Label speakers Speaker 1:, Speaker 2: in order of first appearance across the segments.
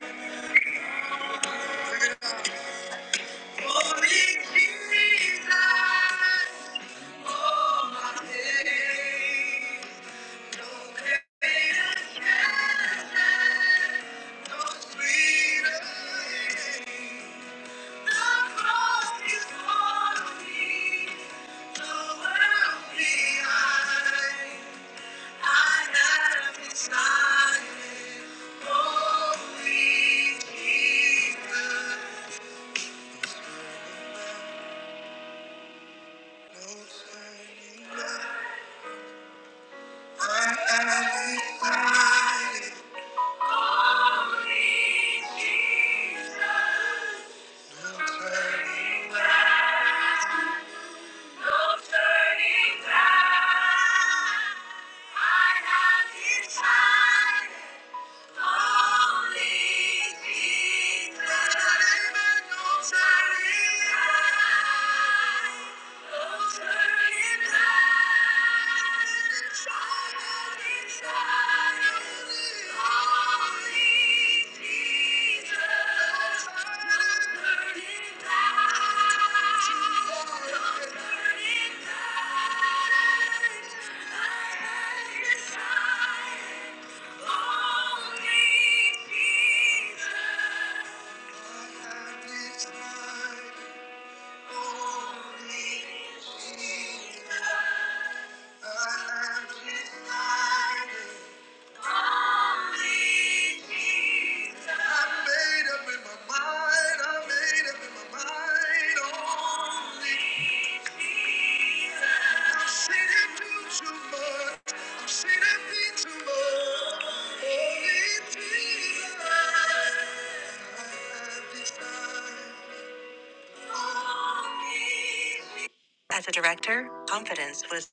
Speaker 1: Yes. Yes.
Speaker 2: Holy Jesus, oh my day.
Speaker 1: Yes.
Speaker 2: No turning back. I have decided only Jesus. Amen. No turning back. No turning back. The child inside of me. Only Jesus. No turning back. No turning back. I have decided. As a director, confidence was.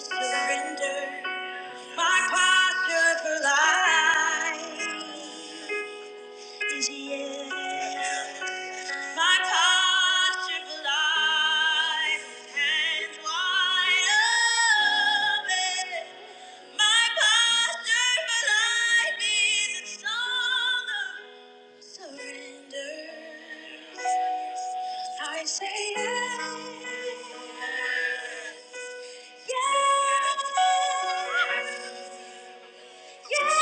Speaker 2: Surrender my posture for life is yes. My posture for hands wide open. My posture for life is in surrender. I say yes, yes, yes. Yeah!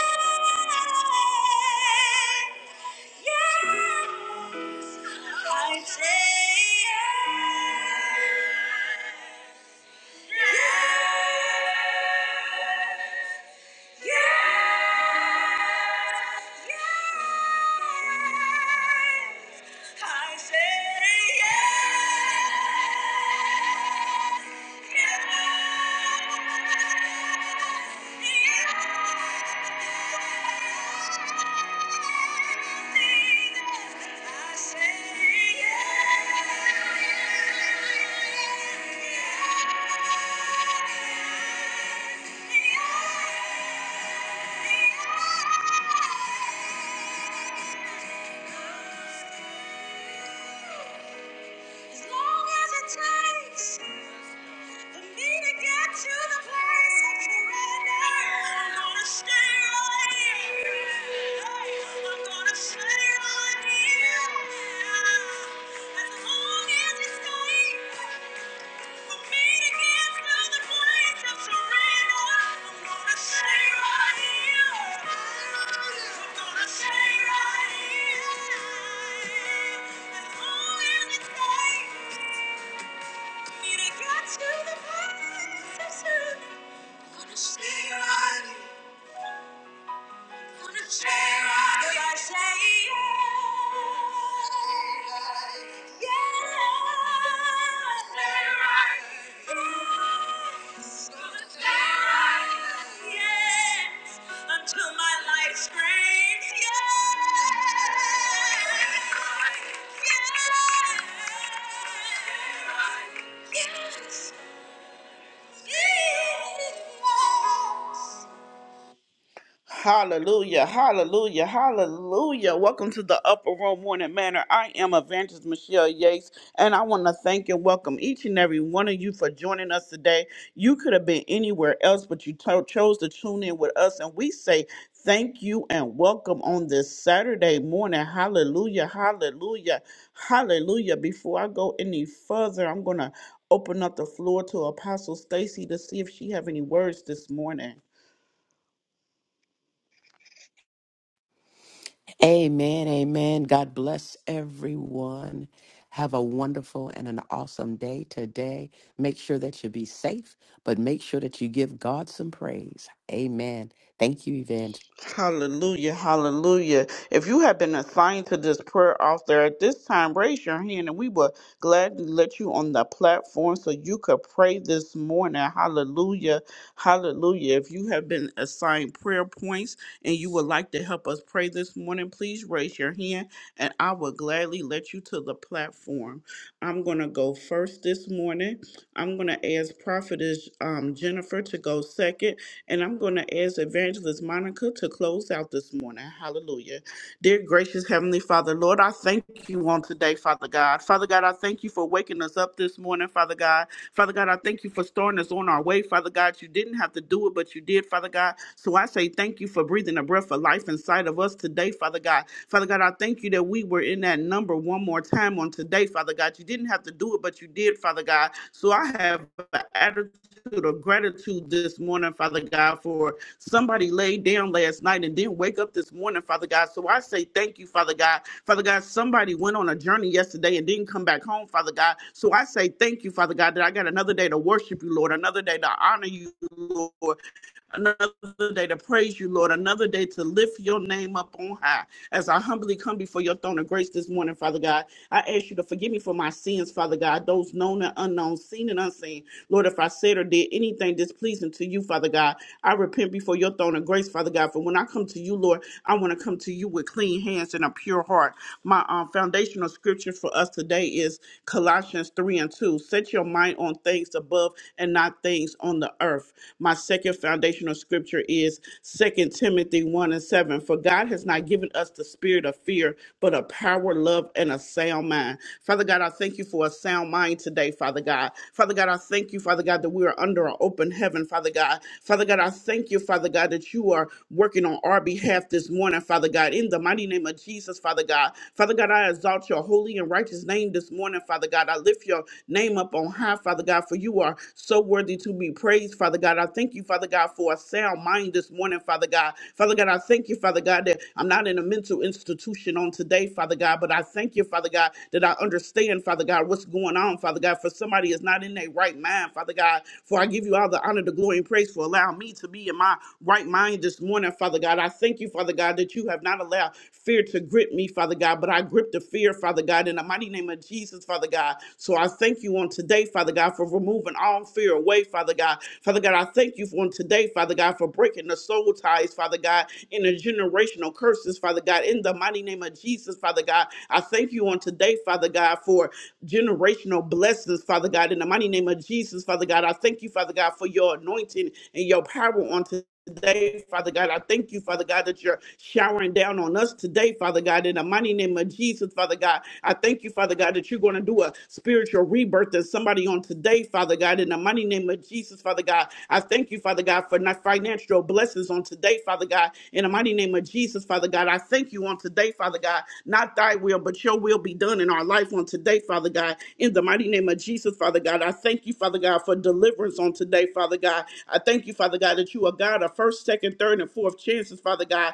Speaker 2: As long as it takes For me to get to the place of surrender, I'm gonna stay right here. Hey, I'm gonna stay right here. As long as it's safe. Stay right here. Until my life screams, yes, yes, yes, yes. Hallelujah, hallelujah, hallelujah. Welcome to the Upper Room Morning Manor. I am Evangelist Michelle Yates, and I want to thank and welcome each and every one of you for joining us today. You could have been anywhere else, but you to- chose to tune in with us, and we say thank you and welcome on this Saturday morning. Hallelujah, hallelujah, hallelujah. Before I go any further, I'm going to open up the floor to Apostle Stacy to see if she have any words this morning.
Speaker 3: Amen. Amen. God bless everyone. Have a wonderful and an awesome day today. Make sure that you be safe, but make sure that you give God some praise. Amen. Thank you, Evangelist.
Speaker 2: Hallelujah, hallelujah. If you have been assigned to this prayer altar at this time, raise your hand and we will gladly let you on the platform so you could pray this morning. Hallelujah, hallelujah. If you have been assigned prayer points and you would like to help us pray this morning, please raise your hand and I will gladly let you to the platform. I'm going to go first this morning. I'm going to ask Prophetess um, Jennifer to go second and I'm going to ask Evangelist Monica to close out this morning. Hallelujah. Dear gracious Heavenly Father, Lord, I thank you on today, Father God. Father God, I thank you for waking us up this morning, Father God. Father God, I thank you for starting us on our way, Father God. You didn't have to do it, but you did, Father God. So I say thank you for breathing a breath of life inside of us today, Father God. Father God, I thank you that we were in that number one more time on today, Father God. You didn't have to do it, but you did, Father God. So I have an attitude of gratitude this morning, Father God, for somebody laid down last night and didn't wake up this morning, Father God. So I say thank you, Father God. Father God, somebody went on a journey yesterday and didn't come back home, Father God. So I say thank you, Father God, that I got another day to worship you, Lord, another day to honor you, Lord, another day to praise you, Lord, another day to lift your name up on high. As I humbly come before your throne of grace this morning, Father God, I ask you to forgive me for my sins, Father God, those known and unknown, seen and unseen. Lord, if I said or did anything displeasing to you, Father God, I repent before your throne of grace, Father God. For when I come to you, Lord, I want to come to you with clean hands and a pure heart. My um, foundational scripture for us today is Colossians 3 and 2. Set your mind on things above and not things things on the earth. My second foundational scripture is Second Timothy 1 and 7. For God has not given us the spirit of fear, but a power, love, and a sound mind. Father God, I thank you for a sound mind today, Father God. Father God, I thank you, Father God, that we are under an open heaven, Father God. Father God, I thank you, Father God, that you are working on our behalf this morning, Father God, in the mighty name of Jesus, Father God. Father God, I exalt your holy and righteous name this morning, Father God. I lift your name up on high, Father God, for you are so worthy to be praised, Father God. I thank you, Father God, for a sound mind this morning, Father God. Father God, I thank you, Father God, that I'm not in a mental institution on today, Father God, but I thank you, Father God, that I understand, Father God, what's going on, Father God, for somebody is not in their right mind, Father God. For I give you all the honor, the glory, and praise for allowing me to to be in my right mind this morning, Father God. I thank you, Father God, that you have not allowed fear to grip me, Father God, but I grip the fear, Father God, in the mighty name of Jesus, Father God. So I thank you on today, Father God, for removing all fear away, Father God. Father God, I thank you for on today, Father God, for breaking the soul ties, Father God, in the generational curses, Father God, in the mighty name of Jesus, Father God. I thank you on today, Father God, for generational blessings, Father God. In the mighty name of Jesus, Father God, I thank you, Father God, for your anointing and your power on today, Father God. I thank you, Father God, that you're showering down on us today, Father God. In the mighty name of Jesus, Father God, I thank you, Father God, that you're going to do a spiritual rebirth in somebody on today, today, Father God, in the mighty name of Jesus, Father God. I thank you, Father God, for not financial blessings on today, Father God. In the mighty name of Jesus, Father God, I thank you on today, Father God. Not thy will, but your will be done in our life on today, Father God. In the mighty name of Jesus, Father God, I thank you, Father God, for deliverance on today, Father God. I thank you, Father God, that you are God of first, second, third, and fourth chances, Father God.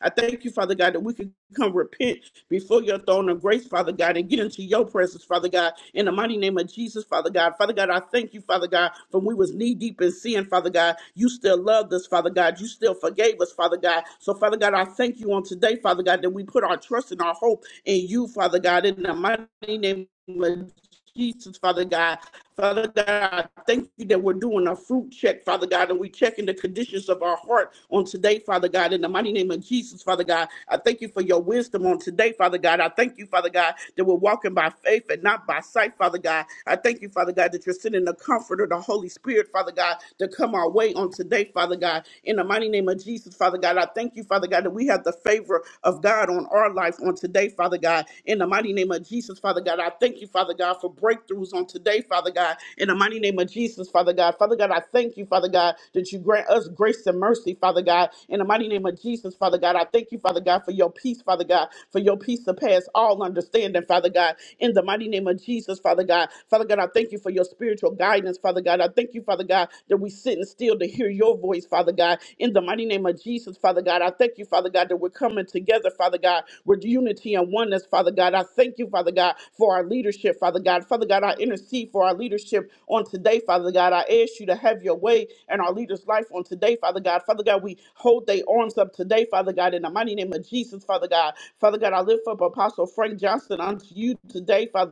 Speaker 2: I thank you, Father God, that we can come repent before your throne of grace, Father God, and get into your presence, Father God, in the mighty name of Jesus, Father God. Father God, I thank you, Father God, for we was knee deep in sin, Father God. You still loved us, Father God. You still forgave us, Father God. So, Father God, I thank you on today, Father God, that we put our trust and our hope in you, Father God, in the mighty name of Jesus, Father God. Father God, I thank you that we're doing a fruit check, Father God, and we're checking the conditions of our heart on today, Father God, in the mighty name of Jesus, Father God. I thank you for your wisdom on today, Father God. I thank you, Father God, that we're walking by faith and not by sight, Father God. I thank you, Father God, that you're sending the comforter, the Holy Spirit, Father God, to come our way on today, Father God. In the mighty name of Jesus, Father God, I thank you, Father God, that we have the favor of God on our our life on today, Father God. In the mighty name of Jesus, Father God, I thank you, Father God, for breakthroughs on today, Father God. In the mighty name of Jesus, Father God. Father God, I thank you, Father God, that you grant us grace and mercy, Father God. In the mighty name of Jesus, Father God, I thank you, Father God, for your peace, Father God, for your peace surpass all understanding, Father God. In the mighty name of Jesus, Father God. Father God, I thank you for your spiritual guidance, Father God. I thank you, Father God, that we sit and still still to hear your voice, Father God. In the mighty name of Jesus, Father God, I thank you, Father God, that we're coming together, Father God, with unity and oneness, Father God. I thank you, Father God, for our leadership, Father God. Father God, I intercede for our leadership on today, Father God. I ask you to have your way in our leaders' life on today, Father God. Father God, we hold their arms up today, Father God, in the mighty name of Jesus, Father God. Father God, I lift up Apostle Frank Johnson unto you today, Father.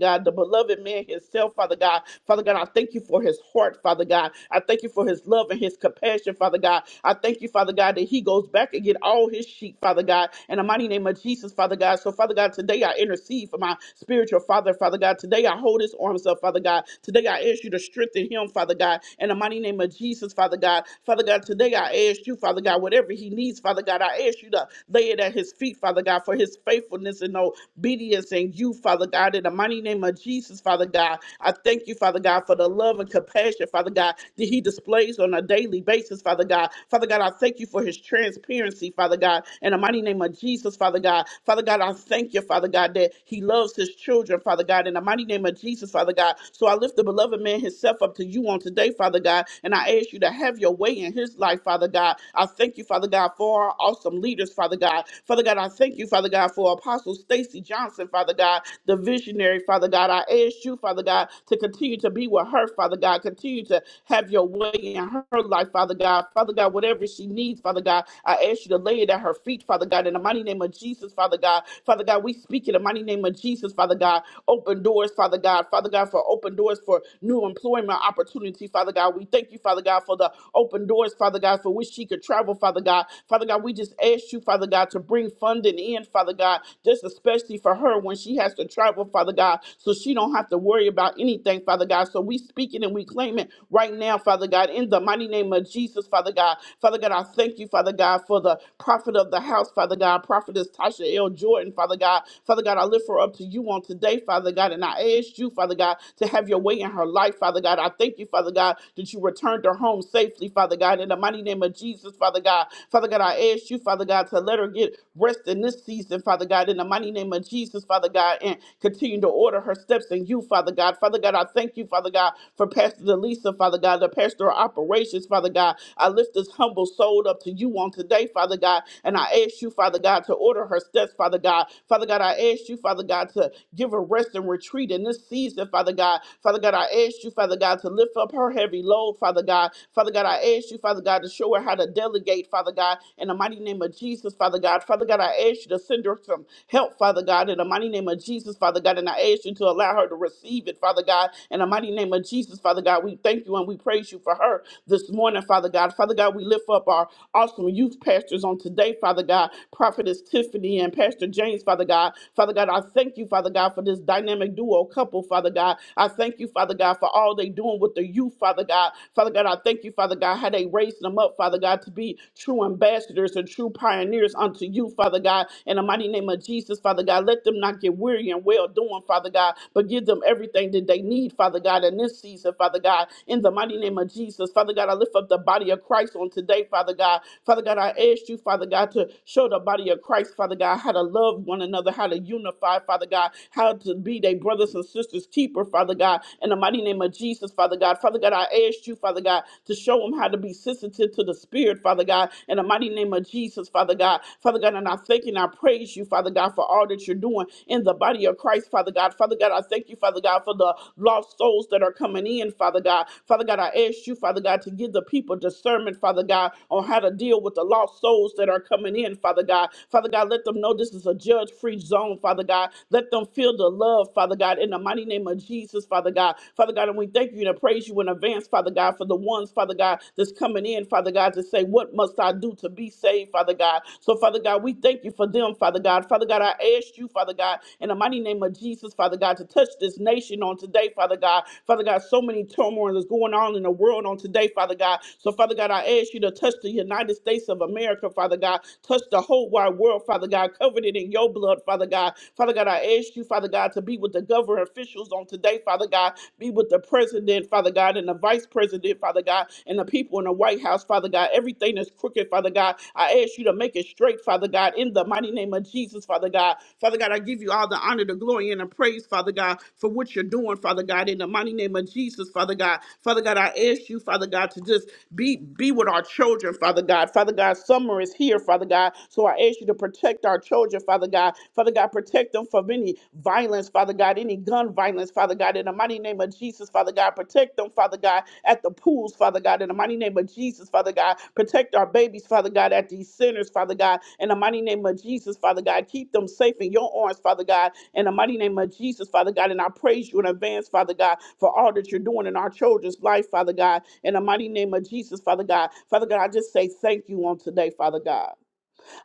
Speaker 2: God, the beloved man himself, Father God. Father God, I thank you for his heart, Father God. I thank you for his love and his compassion, Father God. I thank you, Father God, that he goes back and get all his sheep, Father God, in the mighty name of Jesus, Father God. So, Father God, today I intercede for my spiritual father, Father God. Today I hold his arms up, Father God. Today I ask you to strengthen him, Father God, in the mighty name of Jesus, Father God. Father God, today I ask you, Father God, whatever he needs, Father God, I ask you to lay it at his feet, Father God, for his faithfulness and obedience obedience in you, Father God, in the mighty name of Jesus, Father God. I thank you, Father God, for the love and compassion, Father God, that He displays on a daily basis, Father God. Father God, I thank you for His transparency, Father God, in the mighty name of Jesus, Father God. Father God, I thank you, Father God, that He loves His children, Father God, in the mighty name of Jesus, Father God. So I lift the beloved man himself up to you on today, Father God, and I ask you to have your way in his life, Father God. I thank you, Father God, for our awesome leaders, Father God. Father God, I thank thank you, Father God, for Apostle Stacy Johnson, Father God, the visionary, Father God. I ask you, Father God, to continue to be with her, Father God. Continue to have your way in her life, Father God. Father God, whatever she needs, Father God, I ask you to lay it at her feet, Father God, in the mighty name of Jesus, Father God. Father God, we speak in the mighty name of Jesus, Father God. Open doors, Father God. Father God, for open doors for new employment opportunity, Father God. We thank you, Father God, for the open doors, Father God, for which she could travel, Father God. Father God, we just just ask you, Father God, to bring funding in, Father God, just especially for her when she has to travel, Father God, so she don't have to worry about anything, Father God. So we speak it and we claim it right now, Father God, in the mighty name of Jesus, Father God. Father God, I thank you, Father God, for the prophet of the house, Father God, prophetess Tasha L. Jordan, Father God. Father God, I lift her up to you on today, Father God, and I ask you, Father God, to have your way in her life, Father God. I thank you, Father God, that you returned her home safely, Father God, in the mighty name of Jesus. Jesus, Father God. Father God, I ask you, Father God, to let her get rest in this season, Father God, in the mighty name of Jesus, Father God, and continue to order her steps in you, Father God. Father God, I thank you, Father God, for Pastor Delisa, Father God, the pastor of operations, Father God. I lift this humble soul up to you on today, Father God, and I ask you, Father God, to order her steps, Father God. Father God, I ask you, Father God, to give her rest and retreat in this season, Father God. Father God, I ask you, Father God, to lift up her heavy load, Father God. Father Father God, I ask you, Father God, to show her how to delegate, Father God, in the mighty name of Jesus, Father God. Father God, I ask you to send her some help, Father God, in the mighty name of Jesus, Father God. And I ask you to allow her to receive it, Father God, in the mighty name of Jesus, Father God. We thank you and we praise you for her this morning, Father God. Father God, we lift up our awesome youth pastors on today, Father God, Prophetess Tiffany and Pastor James, Father God. Father God, I thank you, Father God, for this dynamic duo couple, Father God. I thank you, Father God, for all they doing with the youth you, Father God. Father God, I thank you, Father God, how they raised them up, Father God, to be true ambassadors and true pioneers unto you, Father God. In the mighty name of Jesus, Father God, let them not get weary and well doing, Father God, but give them everything that they need, Father God, in this season, Father God. In the mighty name of Jesus, Father God, I lift up the body of Christ on today, Father God. Father God, I ask you, Father God, to show the body of Christ, Father God, how to love one another, how to unify, Father God, how to be their brothers and sisters keeper, Father God. God, in the mighty name of Jesus, Father God. Father God, I ask you, Father God, to show them how to be sensitive to the Spirit, Father God, in the mighty name of Jesus, Father God. Father God, and I thank you and I praise you, Father God, for all that you're doing in the body of Christ, Father God. Father God, I thank you, Father God, for the lost souls that are coming in, Father God. Father God, I ask you, Father God, to give the people discernment, Father God, on how to deal with the lost souls that are coming in, Father God. Father God, let them know this is a judge free zone, Father God. Let them feel the love, Father. Father God, in the mighty name of Jesus, Father God. Father God, and we thank you and praise you in advance, Father God, for the ones, Father God, that's coming in, Father God, to say, What must I do to be saved, Father God? So, Father God, we thank you for them, Father God. Father God, I ask you, Father God, in the mighty name of Jesus, Father God, to touch this nation on today, Father God. Father God, so many turmoil is going on in the world on today, Father God. So, Father God, I ask you to touch the United States of America, Father God. Touch the whole wide world, Father God. Covered it in your blood, Father God. Father God, I ask you, Father God, to be with the government officials on today, Father God. Be with the president, Father God, and the vice president, Father God, and the people in the White House, Father God. Everything that's crooked, Father God, I ask you to make it straight, Father God, in the mighty name of Jesus, Father God. Father God, I give you all the honor, the glory, and the praise, Father God, for what you're doing, Father God, in the mighty name of Jesus, Father God. Father God, I ask you, Father God, to just be be with our children, Father God. Father God, summer is here, Father God. So I ask you to protect our protect our children, Father God. Father God, protect them from any violence, Father God, any gun violence, Father God, in the mighty name of Jesus, Father God. Protect them, Father God, at the pools, Father God, in the mighty name of Jesus, Father God. Protect our babies, Father God, at these centers, Father God, in the mighty name of Jesus, Father God. Keep them safe in your arms, Father God, in the mighty name of Jesus, Father God. And I praise you in advance, Father God, for all that you're doing in our children's life, Father God, in the mighty name of Jesus, Father God. Father God, I just say thank you on today, Father God.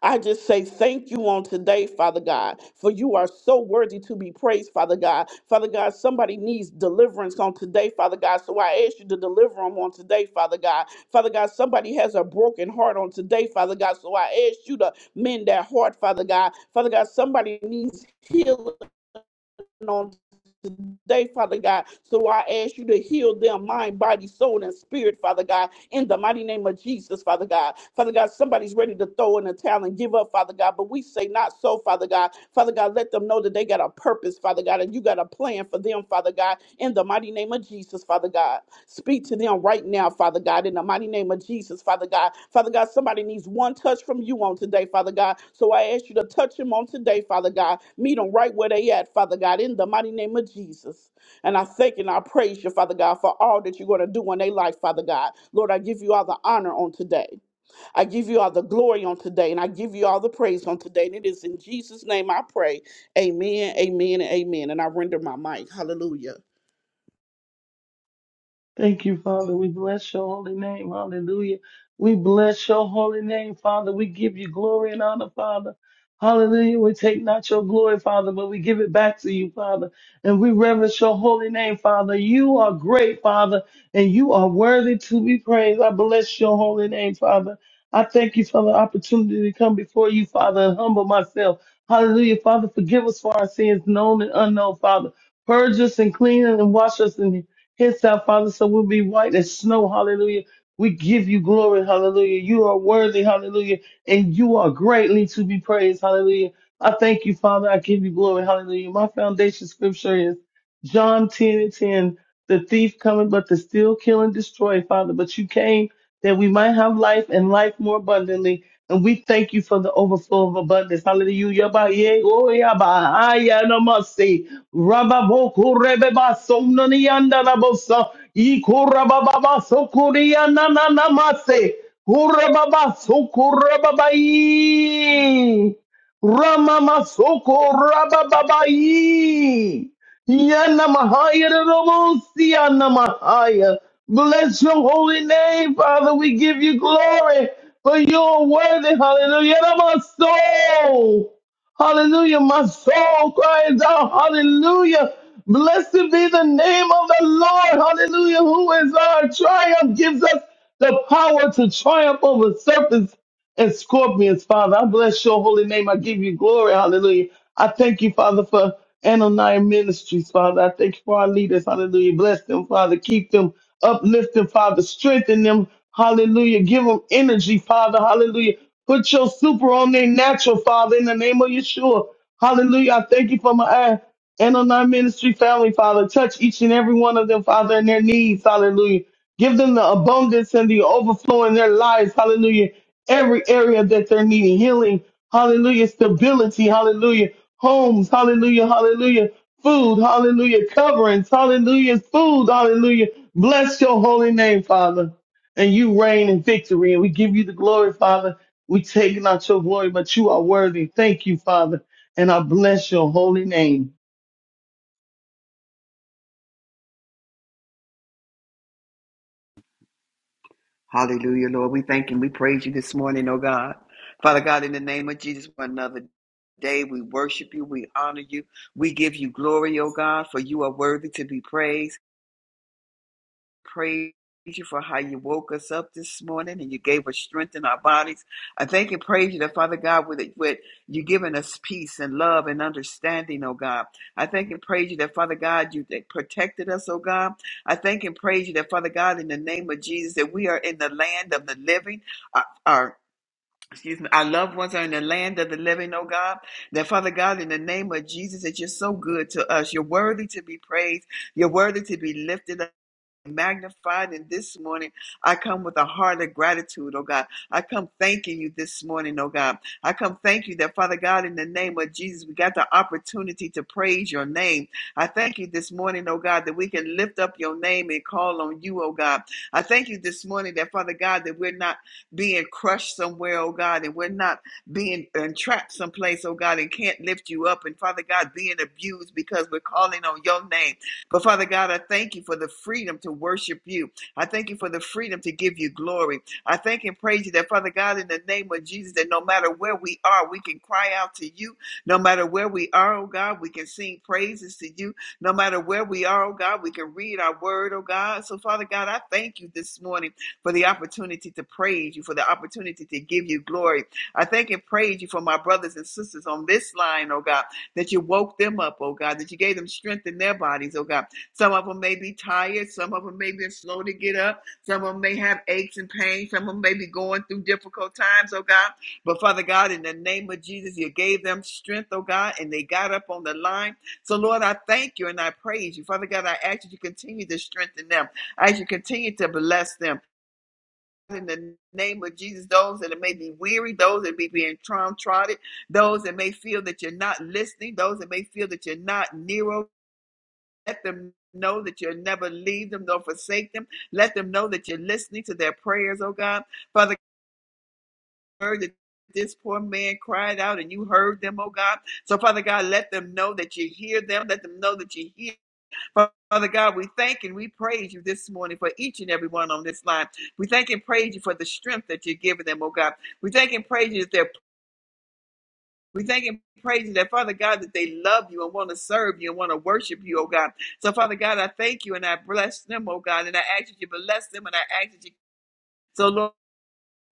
Speaker 2: I just say thank you on today, Father God, for you are so worthy to be praised, Father God. Father God, somebody needs deliverance on today, Father God. So I ask you to deliver them on today, Father God. Father God, somebody has a broken heart on today, Father God. So I ask you to mend that heart, Father God. Father God, somebody needs healing on today, Father God. So I ask you to heal their mind, body, soul, and spirit, Father God, in the mighty name of Jesus, Father God. Father God, somebody's ready to throw in the towel and give up, Father God, but we say not so, Father God. Father God, let them know that they got a purpose, Father God, and you got a plan for them, Father God, in the mighty name of Jesus, Father God. Speak to them right now, Father God, in the mighty name of Jesus, Father God. Father God, somebody needs one touch from you on today, Father God. So I ask you to touch them on today, Father God. Meet them right where they at, Father God, in the mighty name of Jesus. And I thank and I praise you, Father God, for all that you're going to do in their life, Father God. Lord, I give you all the honor on today. I give you all the glory on today, and I give you all the praise on today. And it is in Jesus' name I pray. Amen, amen, and amen. And I render my mic. Hallelujah.
Speaker 1: Thank you, Father. We bless your holy name. Hallelujah. We bless your holy name, Father. We give you glory and honor, Father. Hallelujah. We take not your glory, Father, but we give it back to you, Father. And we reverence your holy name, Father. You are great, Father, and you are worthy to be praised. I bless your holy name, Father. I thank you for the opportunity to come before you, Father, and humble myself. Hallelujah. Father, forgive us for our sins, known and unknown, Father. Purge us and clean us and wash us in Hence our Father, so we'll be white as snow. Hallelujah. We give you glory. Hallelujah. You are worthy. Hallelujah. And you are greatly to be praised. Hallelujah. I thank you, Father. I give you glory. Hallelujah. My foundation scripture is John 10 and 10. The thief coming, but to steal, kill, and destroy, Father. But you came that we might have life and life more abundantly. And we thank you for the overflow of abundance. Hallelujah. Ba ye go ya ba ya na Rabba bo ko ba so na ni na bo sa. I ko ba ba so ko ya na na na ma ba so ko ba i. Ra so ko ba ba i. Yanamahaya to the most, Yanamahaya. Bless your holy name, Father. We give you glory for your worthy. Hallelujah. And my soul. Hallelujah. My soul cries out. Hallelujah. Blessed be the name of the Lord. Hallelujah. Who is our triumph gives us the power to triumph over serpents and scorpions, Father. I bless your holy name. I give you glory. Hallelujah. I thank you, Father, for Ananiah Ministries, Father. I thank you for our leaders. Hallelujah. Bless them, Father. Keep them, uplift them, Father. Strengthen them. Hallelujah. Give them energy, Father. Hallelujah. Put your super on their natural, Father, in the name of Yeshua. Hallelujah. I thank you for my eye. Ananiah Ministry family, Father. Touch each and every one of them, Father, and their needs. Hallelujah. Give them the abundance and the overflow in their lives. Hallelujah. Every area that they're needing healing. Hallelujah. Stability. Hallelujah homes, hallelujah, hallelujah, food, hallelujah, coverings, hallelujah, food, hallelujah. Bless your holy name, Father. And you reign in victory, and we give you the glory, Father. We take not your glory, but you are worthy. Thank you, Father. And I bless your holy name.
Speaker 4: Hallelujah, Lord. We thank and we praise you this morning, oh God. Father God, in the name of Jesus, for another day, we worship you, we honor you, we give you glory, oh God, for you are worthy to be praised praise you for how you woke us up this morning and you gave us strength in our bodies. I thank and praise you that Father God, with, with you giving us peace and love and understanding, oh God. I thank and praise you that Father God, you that protected us, oh God. I thank and praise you that Father God, in the name of Jesus, that we are in the land of the living. Our, our Excuse me, our loved ones are in the land of the living, oh God. That Father God, in the name of Jesus, that you're so good to us. You're worthy to be praised. You're worthy to be lifted up magnified. And this morning, I come with a heart of gratitude, oh God. I come thanking you this morning, oh God. I come thank you that, Father God, in the name of Jesus, we got the opportunity to praise your name. I thank you this morning, oh God, that we can lift up your name and call on you, oh God. I thank you this morning that, Father God, that we're not being crushed somewhere, oh God, and we're not being entrapped someplace, oh God, and can't lift you up. And Father God, being abused because we're calling on your name. But Father God, I thank you for the freedom to worship you. I thank you for the freedom to give you glory. I thank and praise you that, Father God, in the name of Jesus, that no matter where we are, we can cry out to you. No matter where we are, oh God, we can sing praises to you. No matter where we are, oh God, we can read our word, oh God. So, Father God, I thank you this morning for the opportunity to praise you, for the opportunity to give you glory. I thank and praise you for my brothers and sisters on this line, oh God that you woke them up, oh God, that you gave them strength in their bodies, oh God. Some of them may be tired, some of them may be slow to get up, some of them may have aches and pains, some of them may be going through difficult times, oh God. But Father God, in the name of Jesus, you gave them strength, oh God, and they got up on the line. So Lord, I thank you and I praise you. Father God, I ask that you continue to strengthen them. I ask you continue to bless them in the name of Jesus, those that may be weary, those that may be being trotted, those that may feel that you're not listening, those that may feel that you're not near, let them know that you'll never leave them nor forsake them. Let them know that you're listening to their prayers, oh God. Father, heard that this poor man cried out and you heard them, oh God. So, Father God, let them know that you hear them. Let them know that you hear. Father God, we thank and we praise you this morning for each and every one on this line. We thank and praise you for the strength that you're giving them, oh God. We thank and praise you that they're we thank and praise you that Father God that they love you and want to serve you and want to worship you, oh God. So Father God, I thank you and I bless them, oh God, and I ask that you bless them and I ask that you so Lord,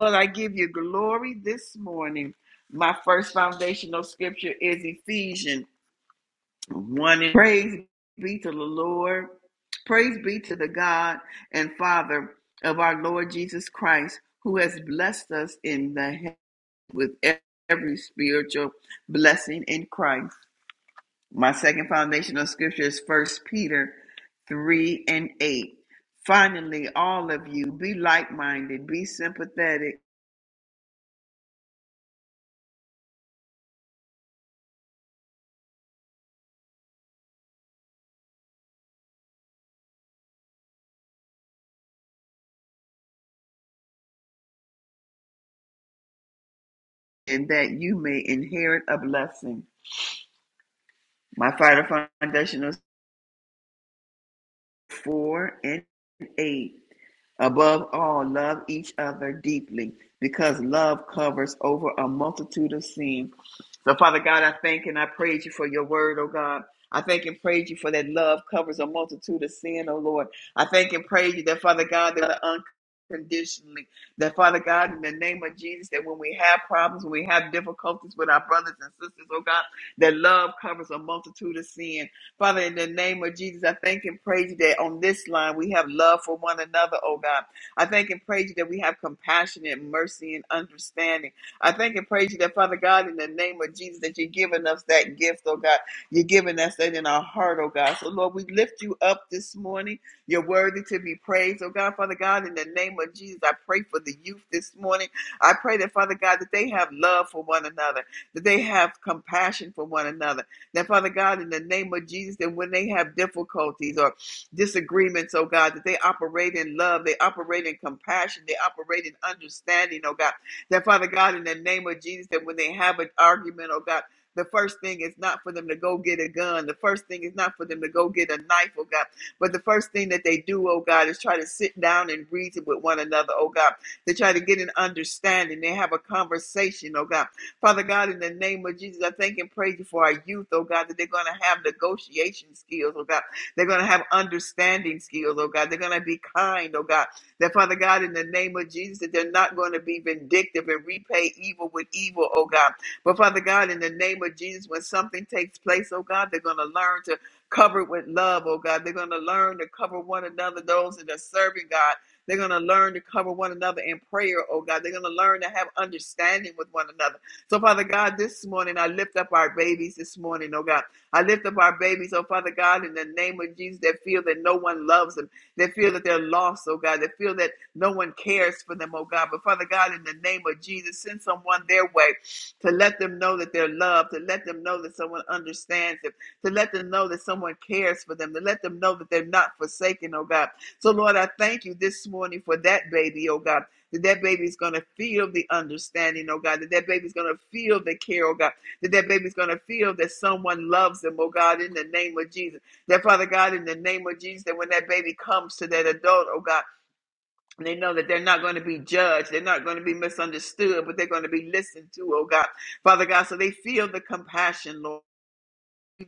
Speaker 4: I give you glory this morning. My first foundational scripture is Ephesians. One is- praise be to the Lord. Praise be to the God and Father of our Lord Jesus Christ, who has blessed us in the head with every spiritual blessing in Christ. My second foundational scripture is First Peter 3 and 8. Finally, all of you be like minded, be sympathetic, and that you may inherit a blessing. My final foundational 4 and 8. Above all, love each other deeply because love covers over a multitude of sins. So, Father God, I thank and I praise you for your word, oh God. I thank and praise you for that love covers a multitude of sin, oh Lord. I thank and praise you that, Father God, that unconditionally, that, Father God, in the name of Jesus, that when we have problems, when we have difficulties with our brothers and sisters, oh God, that love covers a multitude of sin. Father, in the name of Jesus, I thank and praise you that on this line we have love for one another, oh God. I thank and praise you that we have compassion and mercy and understanding. I thank and praise you that, Father God, in the name of Jesus, that you're giving us that gift, oh God. You're giving us that in our heart, oh God. So, Lord, we lift you up this morning. You're worthy to be praised, oh God. Father God, in the name of Jesus, I pray for the youth this morning. I pray that, Father God, that they have love for one another, that they have compassion for one another that Father God, in the name of Jesus, that when they have difficulties or disagreements, oh God, that they operate in love, they operate in compassion, they operate in understanding, oh God. That Father God, in the name of Jesus, that when they have an argument, oh God, the first thing is not for them to go get a gun. The first thing is not for them to go get a knife, oh God. But the first thing that they do, oh God, is try to sit down and reason with one another, oh God. They try to get an understanding. They have a conversation, oh God. Father God, in the name of Jesus, I thank and praise you for our youth, oh God, that they're going to have negotiation skills, oh God. They're going to have understanding skills, oh God. They're going to be kind, oh God. That, Father God, in the name of Jesus, that they're not going to be vindictive and repay evil with evil, oh God. But, Father God, in the name of Jesus, when something takes place, oh God, they're going to learn to cover it with love, oh God. They're going to learn to cover one another, those that are serving, God. They're going to learn to cover one another in prayer, oh God. They're going to learn to have understanding with one another. So, Father God, this morning I lift up our babies this morning, oh God. I lift up our babies, oh Father God, in the name of Jesus that feel that no one loves them. They feel that they're lost, oh God. They feel that no one cares for them, oh God. But Father God, in the name of Jesus, send someone their way to let them know that they're loved, to let them know that someone understands them, to let them know that someone cares for them, to let them know that they're not forsaken, oh God. So, Lord, I thank you this morning for that baby, oh God that that baby's going to feel the understanding, oh God, that that baby's going to feel the care, oh God, that that baby's going to feel that someone loves them, oh God, in the name of Jesus. That Father God, in the name of Jesus, that when that baby comes to that adult, oh God, they know that they're not going to be judged, they're not going to be misunderstood, but they're going to be listened to, oh God, Father God, so they feel the compassion, Lord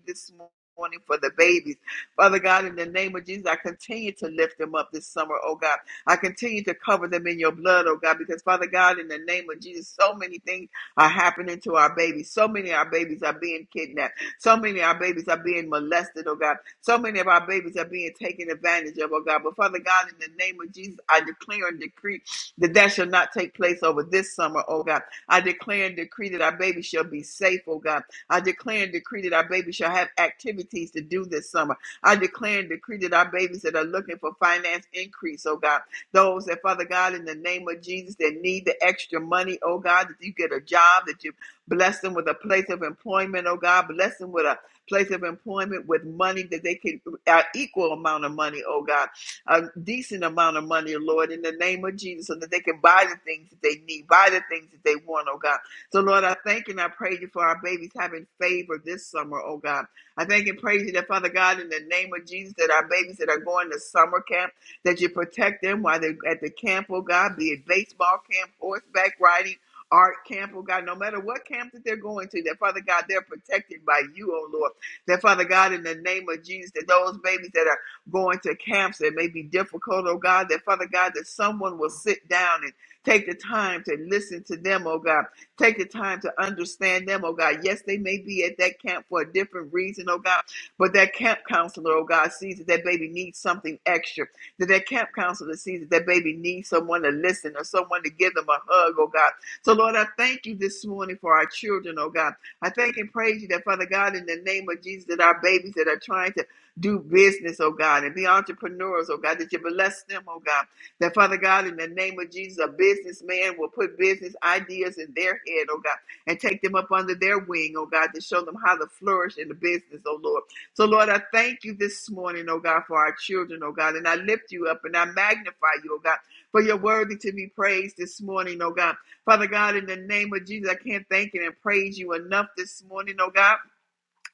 Speaker 4: this morning for the babies. Father God, in the name of Jesus, I continue to lift them up this summer, oh God. I continue to cover them in your blood, oh God, because Father God, in the name of Jesus, so many things are happening to our babies. So many of our babies are being kidnapped. So many of our babies are being molested, oh God. So many of our babies are being taken advantage of, oh God. But Father God, in the name of Jesus, I declare and decree that that shall not take place over this summer, oh God. I declare and decree that our babies shall be safe, oh God. I declare and decree that our babies shall have activities to do this summer. I declare and decree that our babies that are looking for finance increase, oh God, those that, Father God, in the name of Jesus, that need the extra money, oh God, that you get a job, that you bless them with a place of employment, oh God, bless them with a place of employment with money that they can, an equal amount of money, oh God, a decent amount of money, Lord, in the name of Jesus, so that they can buy the things that they need, buy the things that they want, oh God. So, Lord, I thank and I praise you for our babies having favor this summer, oh God. I thank and praise you that, Father God, in the name of Jesus, that our babies that are going to summer camp, that you protect them while they're at the camp, oh God, be it baseball camp, horseback riding, art camp, oh God, no matter what camp that they're going to, that, Father God, they're protected by you, oh Lord. That, Father God, in the name of Jesus, that those babies that are going to camps that may be difficult, oh God, that, Father God, that someone will sit down and take the time to listen to them, oh God Take the time to understand them, oh God. Yes, they may be at that camp for a different reason, oh God, but that camp counselor, oh God, sees that that baby needs something extra. That that camp counselor sees that that baby needs someone to listen or someone to give them a hug, oh God. So, Lord, I thank you this morning for our children, oh God. I thank and praise you that, Father God, in the name of Jesus, that our babies that are trying to do business, oh God, and be entrepreneurs, oh God, that you bless them, oh God. That Father God, in the name of Jesus, a businessman will put business ideas in their head, oh God, and take them up under their wing, oh God, to show them how to flourish in the business, oh Lord. So, Lord, I thank you this morning, oh God, for our children, oh God, and I lift you up and I magnify you, oh God, for you're worthy to be praised this morning, oh God. Father God, in the name of Jesus, I can't thank you and praise you enough this morning, oh God.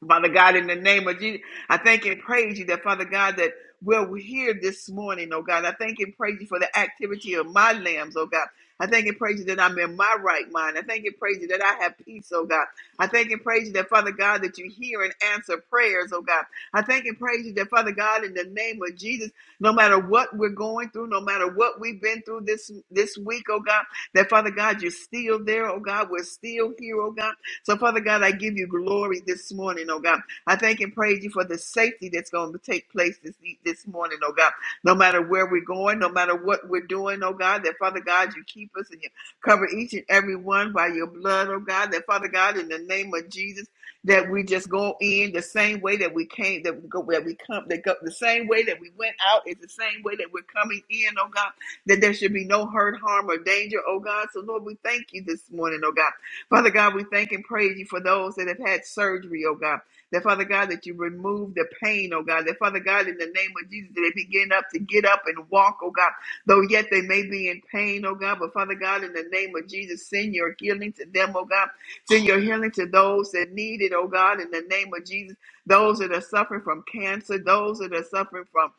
Speaker 4: Father God, in the name of Jesus, I thank and praise you that, Father God, that we're here this morning, oh God. I thank and praise you for the activity of my lambs, oh God. I thank and praise you that I'm in my right mind. I thank and praise you that I have peace, oh God. I thank and praise you that, Father God, that you hear and answer prayers, oh God. I thank and praise you that, Father God, in the name of Jesus, no matter what we're going through, no matter what we've been through this this week, oh God, that Father God, you're still there, oh God. We're still here, oh God. So, Father God, I give you glory this morning, oh God. I thank and praise you for the safety that's going to take place this, e, this morning, oh God. No matter where we're going, no matter what we're doing, oh God, that Father God, you keep us and you cover each and every one by your blood, oh God. That Father God, in the name of Jesus, that we just go in the same way that we came, that we go, that we come, that go, the same way that we went out is the same way that we're coming in, oh God. That there should be no hurt, harm, or danger, oh God. So Lord, we thank you this morning, oh God. Father God, we thank and praise you for those that have had surgery, oh God. That Father God, that you remove the pain, oh God. That Father God, in the name of Jesus, that they begin up to get up and walk, oh God. Though yet they may be in pain, oh God. But Father God, in the name of Jesus, send your healing to them, oh God. Send your healing to those that need it, oh God, in the name of Jesus. Those that are suffering from cancer, those that are suffering from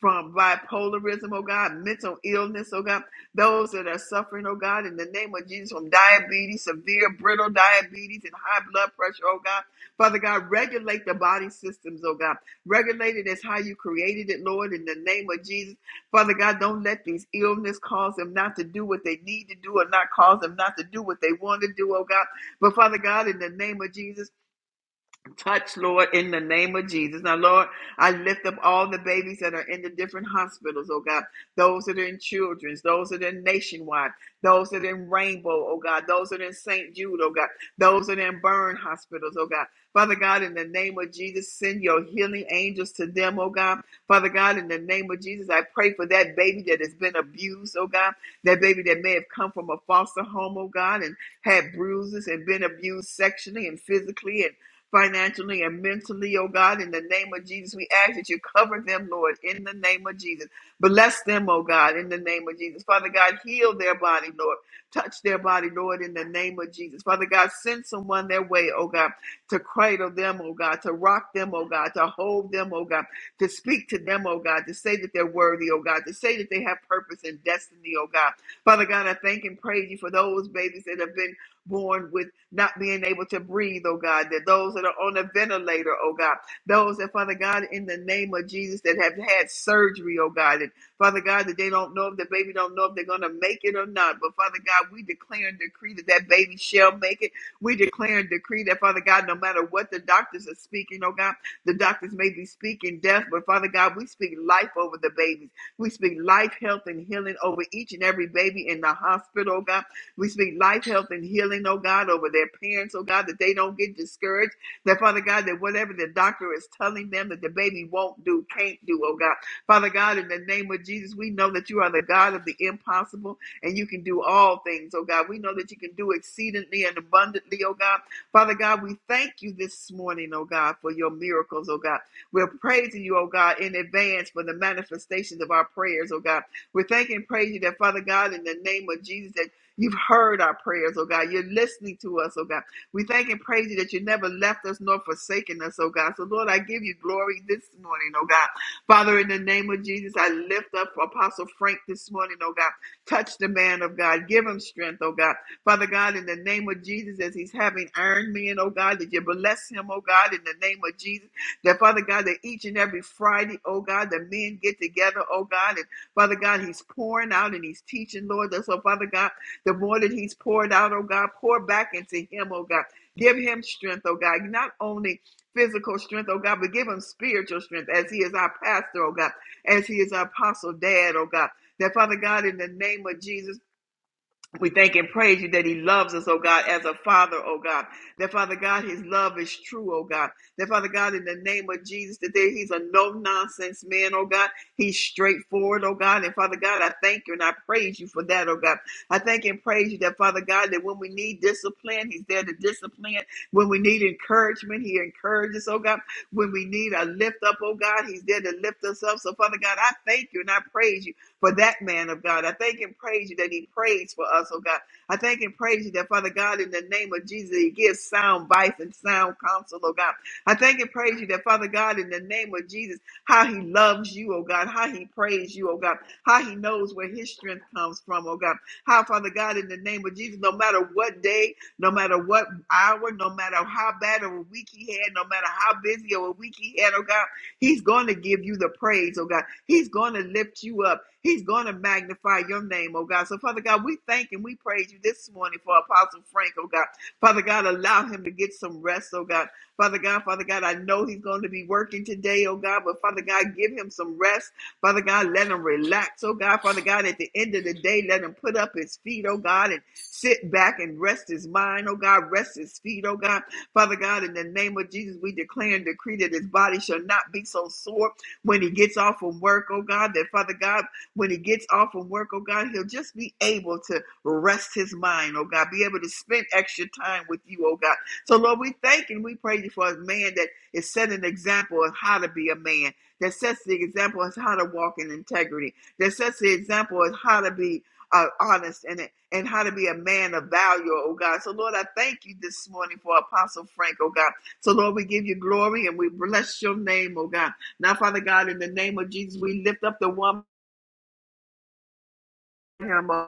Speaker 4: from bipolarism, oh God, mental illness, oh God, those that are suffering, oh God, in the name of Jesus, from diabetes, severe brittle diabetes, and high blood pressure, oh God. Father God, regulate the body systems, oh God. Regulate it as how you created it, Lord, in the name of Jesus. Father God, don't let these illness cause them not to do what they need to do or not cause them not to do what they want to do, oh God. But Father God, in the name of Jesus, Touch, Lord, in the name of Jesus. Now, Lord, I lift up all the babies that are in the different hospitals, oh God. Those that are in children's, those that are in nationwide, those that are in Rainbow, oh God. Those that are in St. Jude, oh God. Those that are in burn hospitals, oh God. Father God, in the name of Jesus, send your healing angels to them, oh God. Father God, in the name of Jesus, I pray for that baby that has been abused, oh God. That baby that may have come from a foster home, oh God, and had bruises and been abused sexually and physically and financially and mentally, oh God, in the name of Jesus. We ask that you cover them, Lord, in the name of Jesus. Bless them, oh God, in the name of Jesus. Father God, heal their body, Lord. Touch their body, Lord, in the name of Jesus. Father God, send someone their way, oh God, to cradle them, oh God, to rock them, oh God, to hold them, oh God, to speak to them, oh God, to say that they're worthy, oh God, to say that they have purpose and destiny, oh God. Father God, I thank and praise you for those babies that have been born with not being able to breathe, oh God, that those that are on a ventilator, oh God, those that, Father God, in the name of Jesus, that have had surgery, oh God, and Father God, that they don't know if the baby don't know if they're going to make it or not. But Father God, we declare and decree that that baby shall make it. We declare and decree that, Father God, no matter what the doctors are speaking, oh God, the doctors may be speaking death, but Father God, we speak life over the babies. We speak life, health, and healing over each and every baby in the hospital, oh God. We speak life, health, and healing, oh God, over their parents, oh God, that they don't get discouraged. That Father God, that whatever the doctor is telling them that the baby won't do, can't do, oh God. Father God, in the name of Jesus, we know that you are the God of the impossible and you can do all things, oh God. We know that you can do exceedingly and abundantly, oh God. Father God, we thank you this morning, oh God, for your miracles, oh God. We're praising you, oh God, in advance for the manifestations of our prayers, oh God. We're thanking and praising you that, Father God, in the name of Jesus, that. You've heard our prayers, oh God. You're listening to us, oh God. We thank and praise you that you never left us nor forsaken us, oh God. So, Lord, I give you glory this morning, oh God. Father, in the name of Jesus, I lift up Apostle Frank this morning, oh God. Touch the man of God. Give him strength, oh God. Father God, in the name of Jesus, as he's having iron men, oh God, that you bless him, oh God, in the name of Jesus. That, Father God, that each and every Friday, oh God, the men get together, oh God, and Father God, he's pouring out and he's teaching, Lord. So, Father God, the more that he's poured out, oh God, pour back into him, oh God. Give him strength, oh God. Not only physical strength, oh God, but give him spiritual strength as he is our pastor, oh God, as he is our apostle dad, oh God. That Father God, in the name of Jesus, we thank and praise you that he loves us, oh God, as a father, oh God. That Father God, his love is true, oh God. That Father God, in the name of Jesus, that there he's a no nonsense man, oh God. He's straightforward, oh God. And Father God, I thank you and I praise you for that, oh God. I thank and praise you that Father God, that when we need discipline, he's there to discipline. When we need encouragement, he encourages, oh God. When we need a lift up, oh God, he's there to lift us up. So Father God, I thank you and I praise you for that man of God. I thank and praise you that he prays for us, oh God. I thank and praise you that, Father God, in the name of Jesus, he gives sound advice and sound counsel, oh God. I thank and praise you that, Father God, in the name of Jesus, how he loves you, oh God, how he prays you, oh God, how he knows where his strength comes from, oh God. How, Father God, in the name of Jesus, no matter what day, no matter what hour, no matter how bad of a week he had, no matter how busy of a week he had, oh God. He's going to give you the praise, oh God. He's going to lift you up. He's going to magnify your name, oh God. So, Father God, we thank and we praise you this morning for Apostle Frank, oh God. Father God, allow him to get some rest, oh God. Father God, Father God, I know he's going to be working today, oh God, but Father God, give him some rest. Father God, let him relax, oh God. Father God, at the end of the day, let him put up his feet, oh God, and sit back and rest his mind, oh God, rest his feet, oh God. Father God, in the name of Jesus, we declare and decree that his body shall not be so sore when he gets off from work, oh God, that Father God, when he gets off from work, oh God, he'll just be able to rest his mind, oh God, be able to spend extra time with you, oh God. So, Lord, we thank and we praise you for a man that is setting an example of how to be a man, that sets the example of how to walk in integrity, that sets the example of how to be uh, honest in it and how to be a man of value, oh God. So, Lord, I thank you this morning for Apostle Frank, oh God. So, Lord, we give you glory and we bless your name, oh God. Now, Father God, in the name of Jesus, we lift up the one. Him, oh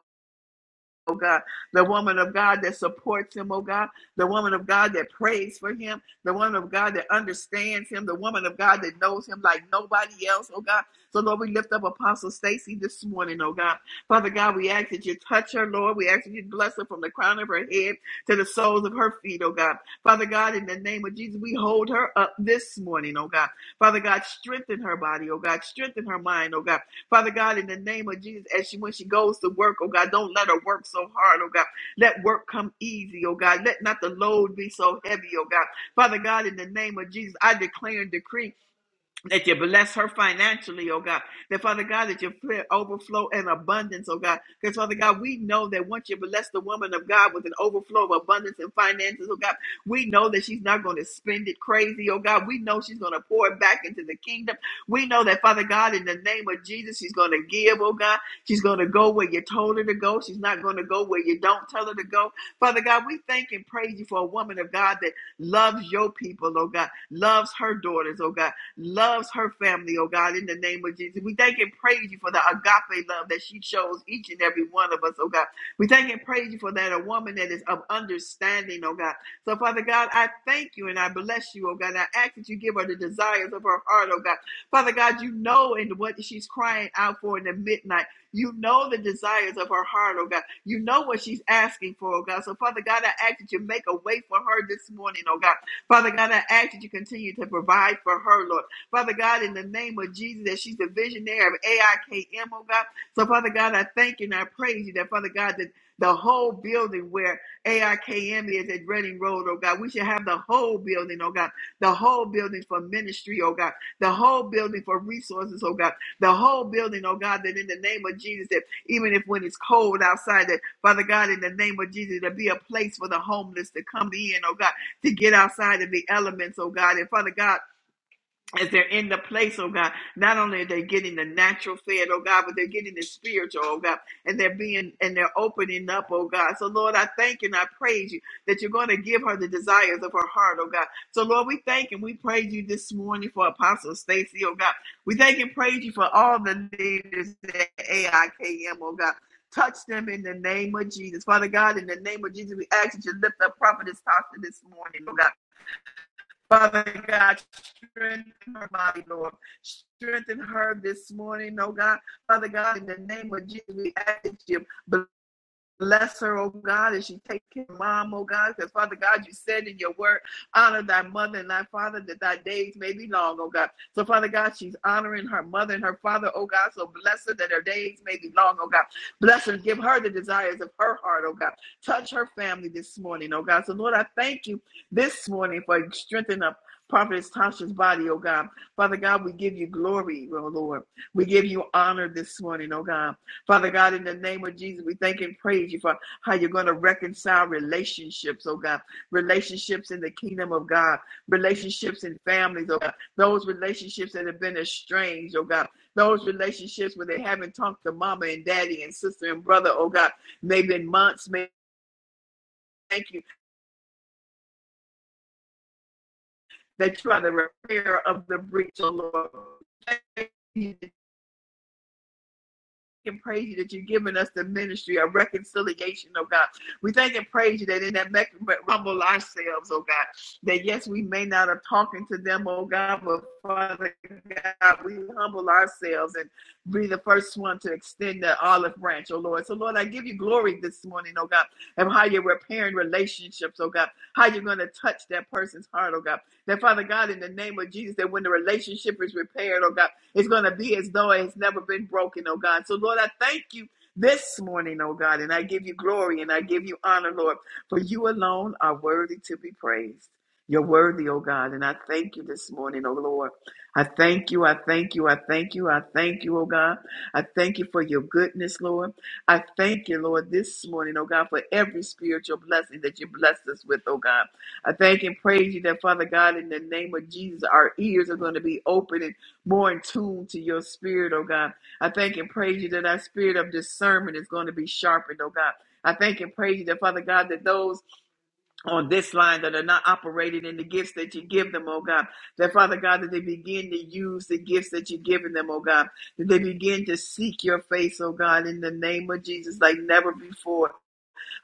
Speaker 4: oh God, the woman of God that supports him, oh God, the woman of God that prays for him, the woman of God that understands him, the woman of God that knows him like nobody else, oh God. So, Lord, we lift up Apostle Stacy this morning, oh God. Father God, we ask that you touch her, Lord. We ask that you bless her from the crown of her head to the soles of her feet, oh God. Father God, in the name of Jesus, we hold her up this morning, oh God. Father God, strengthen her body, oh God. Strengthen her mind, oh God. Father God, in the name of Jesus, as she when she goes to work, oh God, don't let her work so hard, oh God. Let work come easy, oh God. Let not the load be so heavy, oh God. Father God, in the name of Jesus, I declare and decree that you bless her financially, oh God. That Father God, that you fill overflow and abundance, oh God. Because Father God, we know that once you bless the woman of God with an overflow of abundance and finances, oh God, we know that she's not going to spend it crazy, oh God. We know she's going to pour it back into the kingdom. We know that Father God, in the name of Jesus, she's going to give, oh God. She's going to go where you told her to go. She's not going to go where you don't tell her to go. Father God, we thank and praise you for a woman of God that loves your people, oh God, loves her daughters, oh God loves her family, oh God, in the name of Jesus. We thank and praise you for the agape love that she shows each and every one of us, oh God. We thank and praise you for that, a woman that is of understanding, oh God. So, Father God, I thank you and I bless you, oh God. I ask that you give her the desires of her heart, oh God. Father God, you know and what she's crying out for in the midnight. You know the desires of her heart, oh God. You know what she's asking for, oh God. So, Father God, I ask that you make a way for her this morning, oh God. Father God, I ask that you continue to provide for her, Lord. Father God, in the name of Jesus, that she's the visionary of AIKM, oh God. So, Father God, I thank you and I praise you that, Father God, that the whole building where AIKM is at Reading Road, oh God, we should have the whole building, oh God, the whole building for ministry, oh God, the whole building for resources, oh God, the whole building, oh God, that in the name of Jesus, that even if when it's cold outside, that Father God, in the name of Jesus, to be a place for the homeless to come in, oh God, to get outside of the elements, oh God. And Father God, as they're in the place, oh God, not only are they getting the natural fed, oh God, but they're getting the spiritual, oh God, and they're being and they're opening up, oh God. So Lord, I thank and I praise you that you're going to give her the desires of her heart, oh God. So Lord, we thank and we praise you this morning for Apostle Stacy, oh God. We thank and praise you for all the leaders at AIKM, oh God. Touch them in the name of Jesus. Father God, in the name of Jesus, we ask that you lift up Prophetess Tasha this morning, oh God. Father God, strengthen her body, Lord. Strengthen her this morning, oh God. Father God, in the name of Jesus, we ask you. Bless her, oh God, as she takes care of mom, oh God, because Father God, you said in your word, honor thy mother and thy father that thy days may be long, oh God. So Father God, she's honoring her mother and her father, oh God. So bless her that her days may be long, oh God. Bless her, give her the desires of her heart, oh God. Touch her family this morning, oh God. So Lord, I thank you this morning for strengthening up Prophetess Tasha's body, oh God. Father God, we give you glory, oh Lord. We give you honor this morning, oh God. Father God, in the name of Jesus, we thank and praise you for how you're going to reconcile relationships, oh God. Relationships in the kingdom of God, relationships in families, oh God. Those relationships that have been estranged, oh God. Those relationships where they haven't talked to mama and daddy and sister and brother, oh God. Maybe in months, may thank you that you are the repair of the breach, oh Lord. Thank you and praise you that you've given us the ministry of reconciliation, oh God. We thank and praise you that in that mech- humble ourselves, oh God, that yes, we may not have talking to them, oh God, but Father God, we humble ourselves and be the first one to extend the olive branch, oh Lord. So Lord, I give you glory this morning, oh God, of how you're repairing relationships, oh God, how you're going to touch that person's heart, oh God. That Father God, in the name of Jesus, that when the relationship is repaired, oh God, it's going to be as though it has never been broken, oh God. So, Lord, I thank you this morning, oh God, and I give you glory and I give you honor, Lord, for you alone are worthy to be praised. You're worthy, oh God, and I thank you this morning, oh Lord. I thank you, I thank you, I thank you, I thank you, oh God. I thank you for your goodness, Lord. I thank you, Lord, this morning, oh God, for every spiritual blessing that you blessed us with, oh God. I thank and praise you that, Father God, in the name of Jesus, our ears are going to be open more in tune to your spirit, oh God. I thank and praise you that our spirit of discernment is going to be sharpened, oh God. I thank and praise you that, Father God, that those on this line that are not operating in the gifts that you give them, oh God, that, Father God, that they begin to use the gifts that you've given them, oh God, that they begin to seek your face, oh God, in the name of Jesus like never before.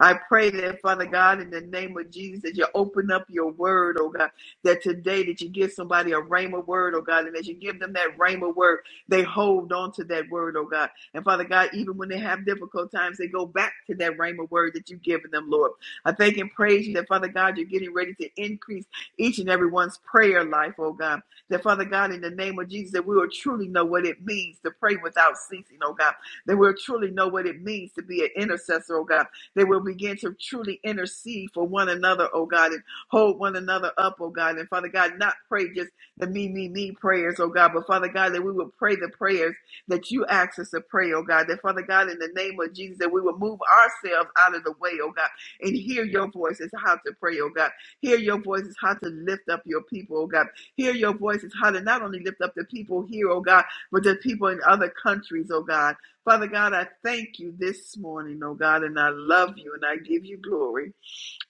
Speaker 4: I pray that, Father God, in the name of Jesus, that you open up your word, oh God, that today that you give somebody a rhema word, oh God, and as you give them that rhema word, they hold on to that word, oh God. And Father God, even when they have difficult times, they go back to that rhema word that you've given them, Lord. I thank and praise you that, Father God, you're getting ready to increase each and everyone's prayer life, oh God. That, Father God, in the name of Jesus, that we will truly know what it means to pray without ceasing, oh God. That we'll truly know what it means to be an intercessor, oh God they will begin to truly intercede for one another, oh God, and hold one another up, oh God. And Father God, not pray just the me, me, me prayers, oh God, but Father God, that we will pray the prayers that you ask us to pray, oh God. That Father God, in the name of Jesus, that we will move ourselves out of the way, oh God, and hear your voice is how to pray, oh God. Hear your voice is how to lift up your people, oh God. Hear your voice is how to not only lift up the people here, oh God, but the people in other countries, oh God. Father God, I thank you this morning, oh God, and I love you and I give you glory.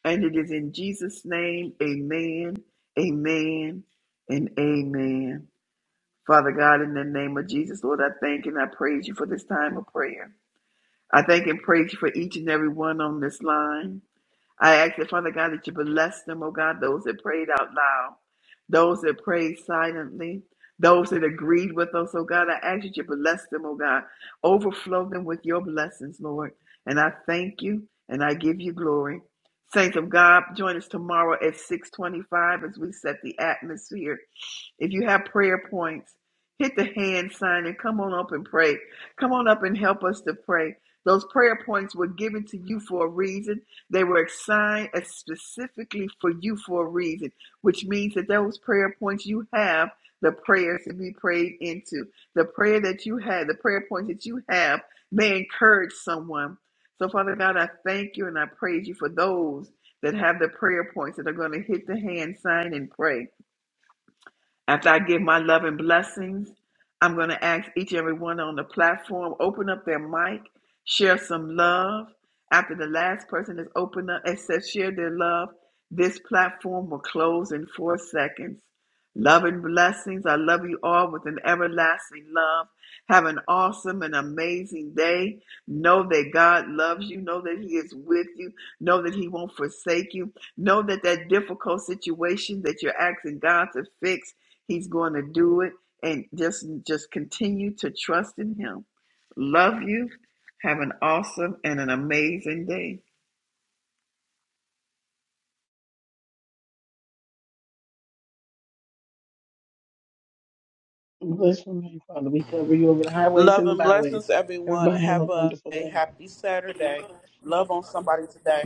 Speaker 4: And it is in Jesus' name, amen, amen, and amen. Father God, in the name of Jesus, Lord, I thank and I praise you for this time of prayer. I thank and praise you for each and every one on this line. I ask that, Father God, that you bless them, oh God, those that prayed out loud, those that prayed silently, those that agreed with us, oh God. I ask that you bless them, oh God. Overflow them with your blessings, Lord. And I thank you and I give you glory. Saints of God, join us tomorrow at 625 as we set the atmosphere. If you have prayer points, hit the hand sign and come on up and pray. Come on up and help us to pray. Those prayer points were given to you for a reason. They were assigned specifically for you for a reason, which means that those prayer points you have, the prayers to be prayed into, the prayer that you had, the prayer points that you have may encourage someone. So, Father God, I thank you and I praise you for those that have the prayer points that are going to hit the hand sign and pray. After I give my love and blessings, I'm going to ask each and every one on the platform open up their mic, share some love. After the last person has opened up and says share their love, this platform will close in four seconds. Love and blessings. I love you all with an everlasting love. Have an awesome and amazing day. Know that God loves you. Know that He is with you. Know that He won't forsake you. Know that that difficult situation that you're asking God to fix. He's going to do it and just just continue to trust in him. Love you. Have an awesome and an amazing day.
Speaker 1: Bless your name, Father. We cover you over the highways
Speaker 2: Love
Speaker 1: and the
Speaker 2: and
Speaker 1: byways.
Speaker 2: blessings, everyone.
Speaker 1: Everybody have a
Speaker 2: Have a,
Speaker 1: wonderful
Speaker 2: a
Speaker 1: day.
Speaker 2: happy Saturday. Love on somebody today.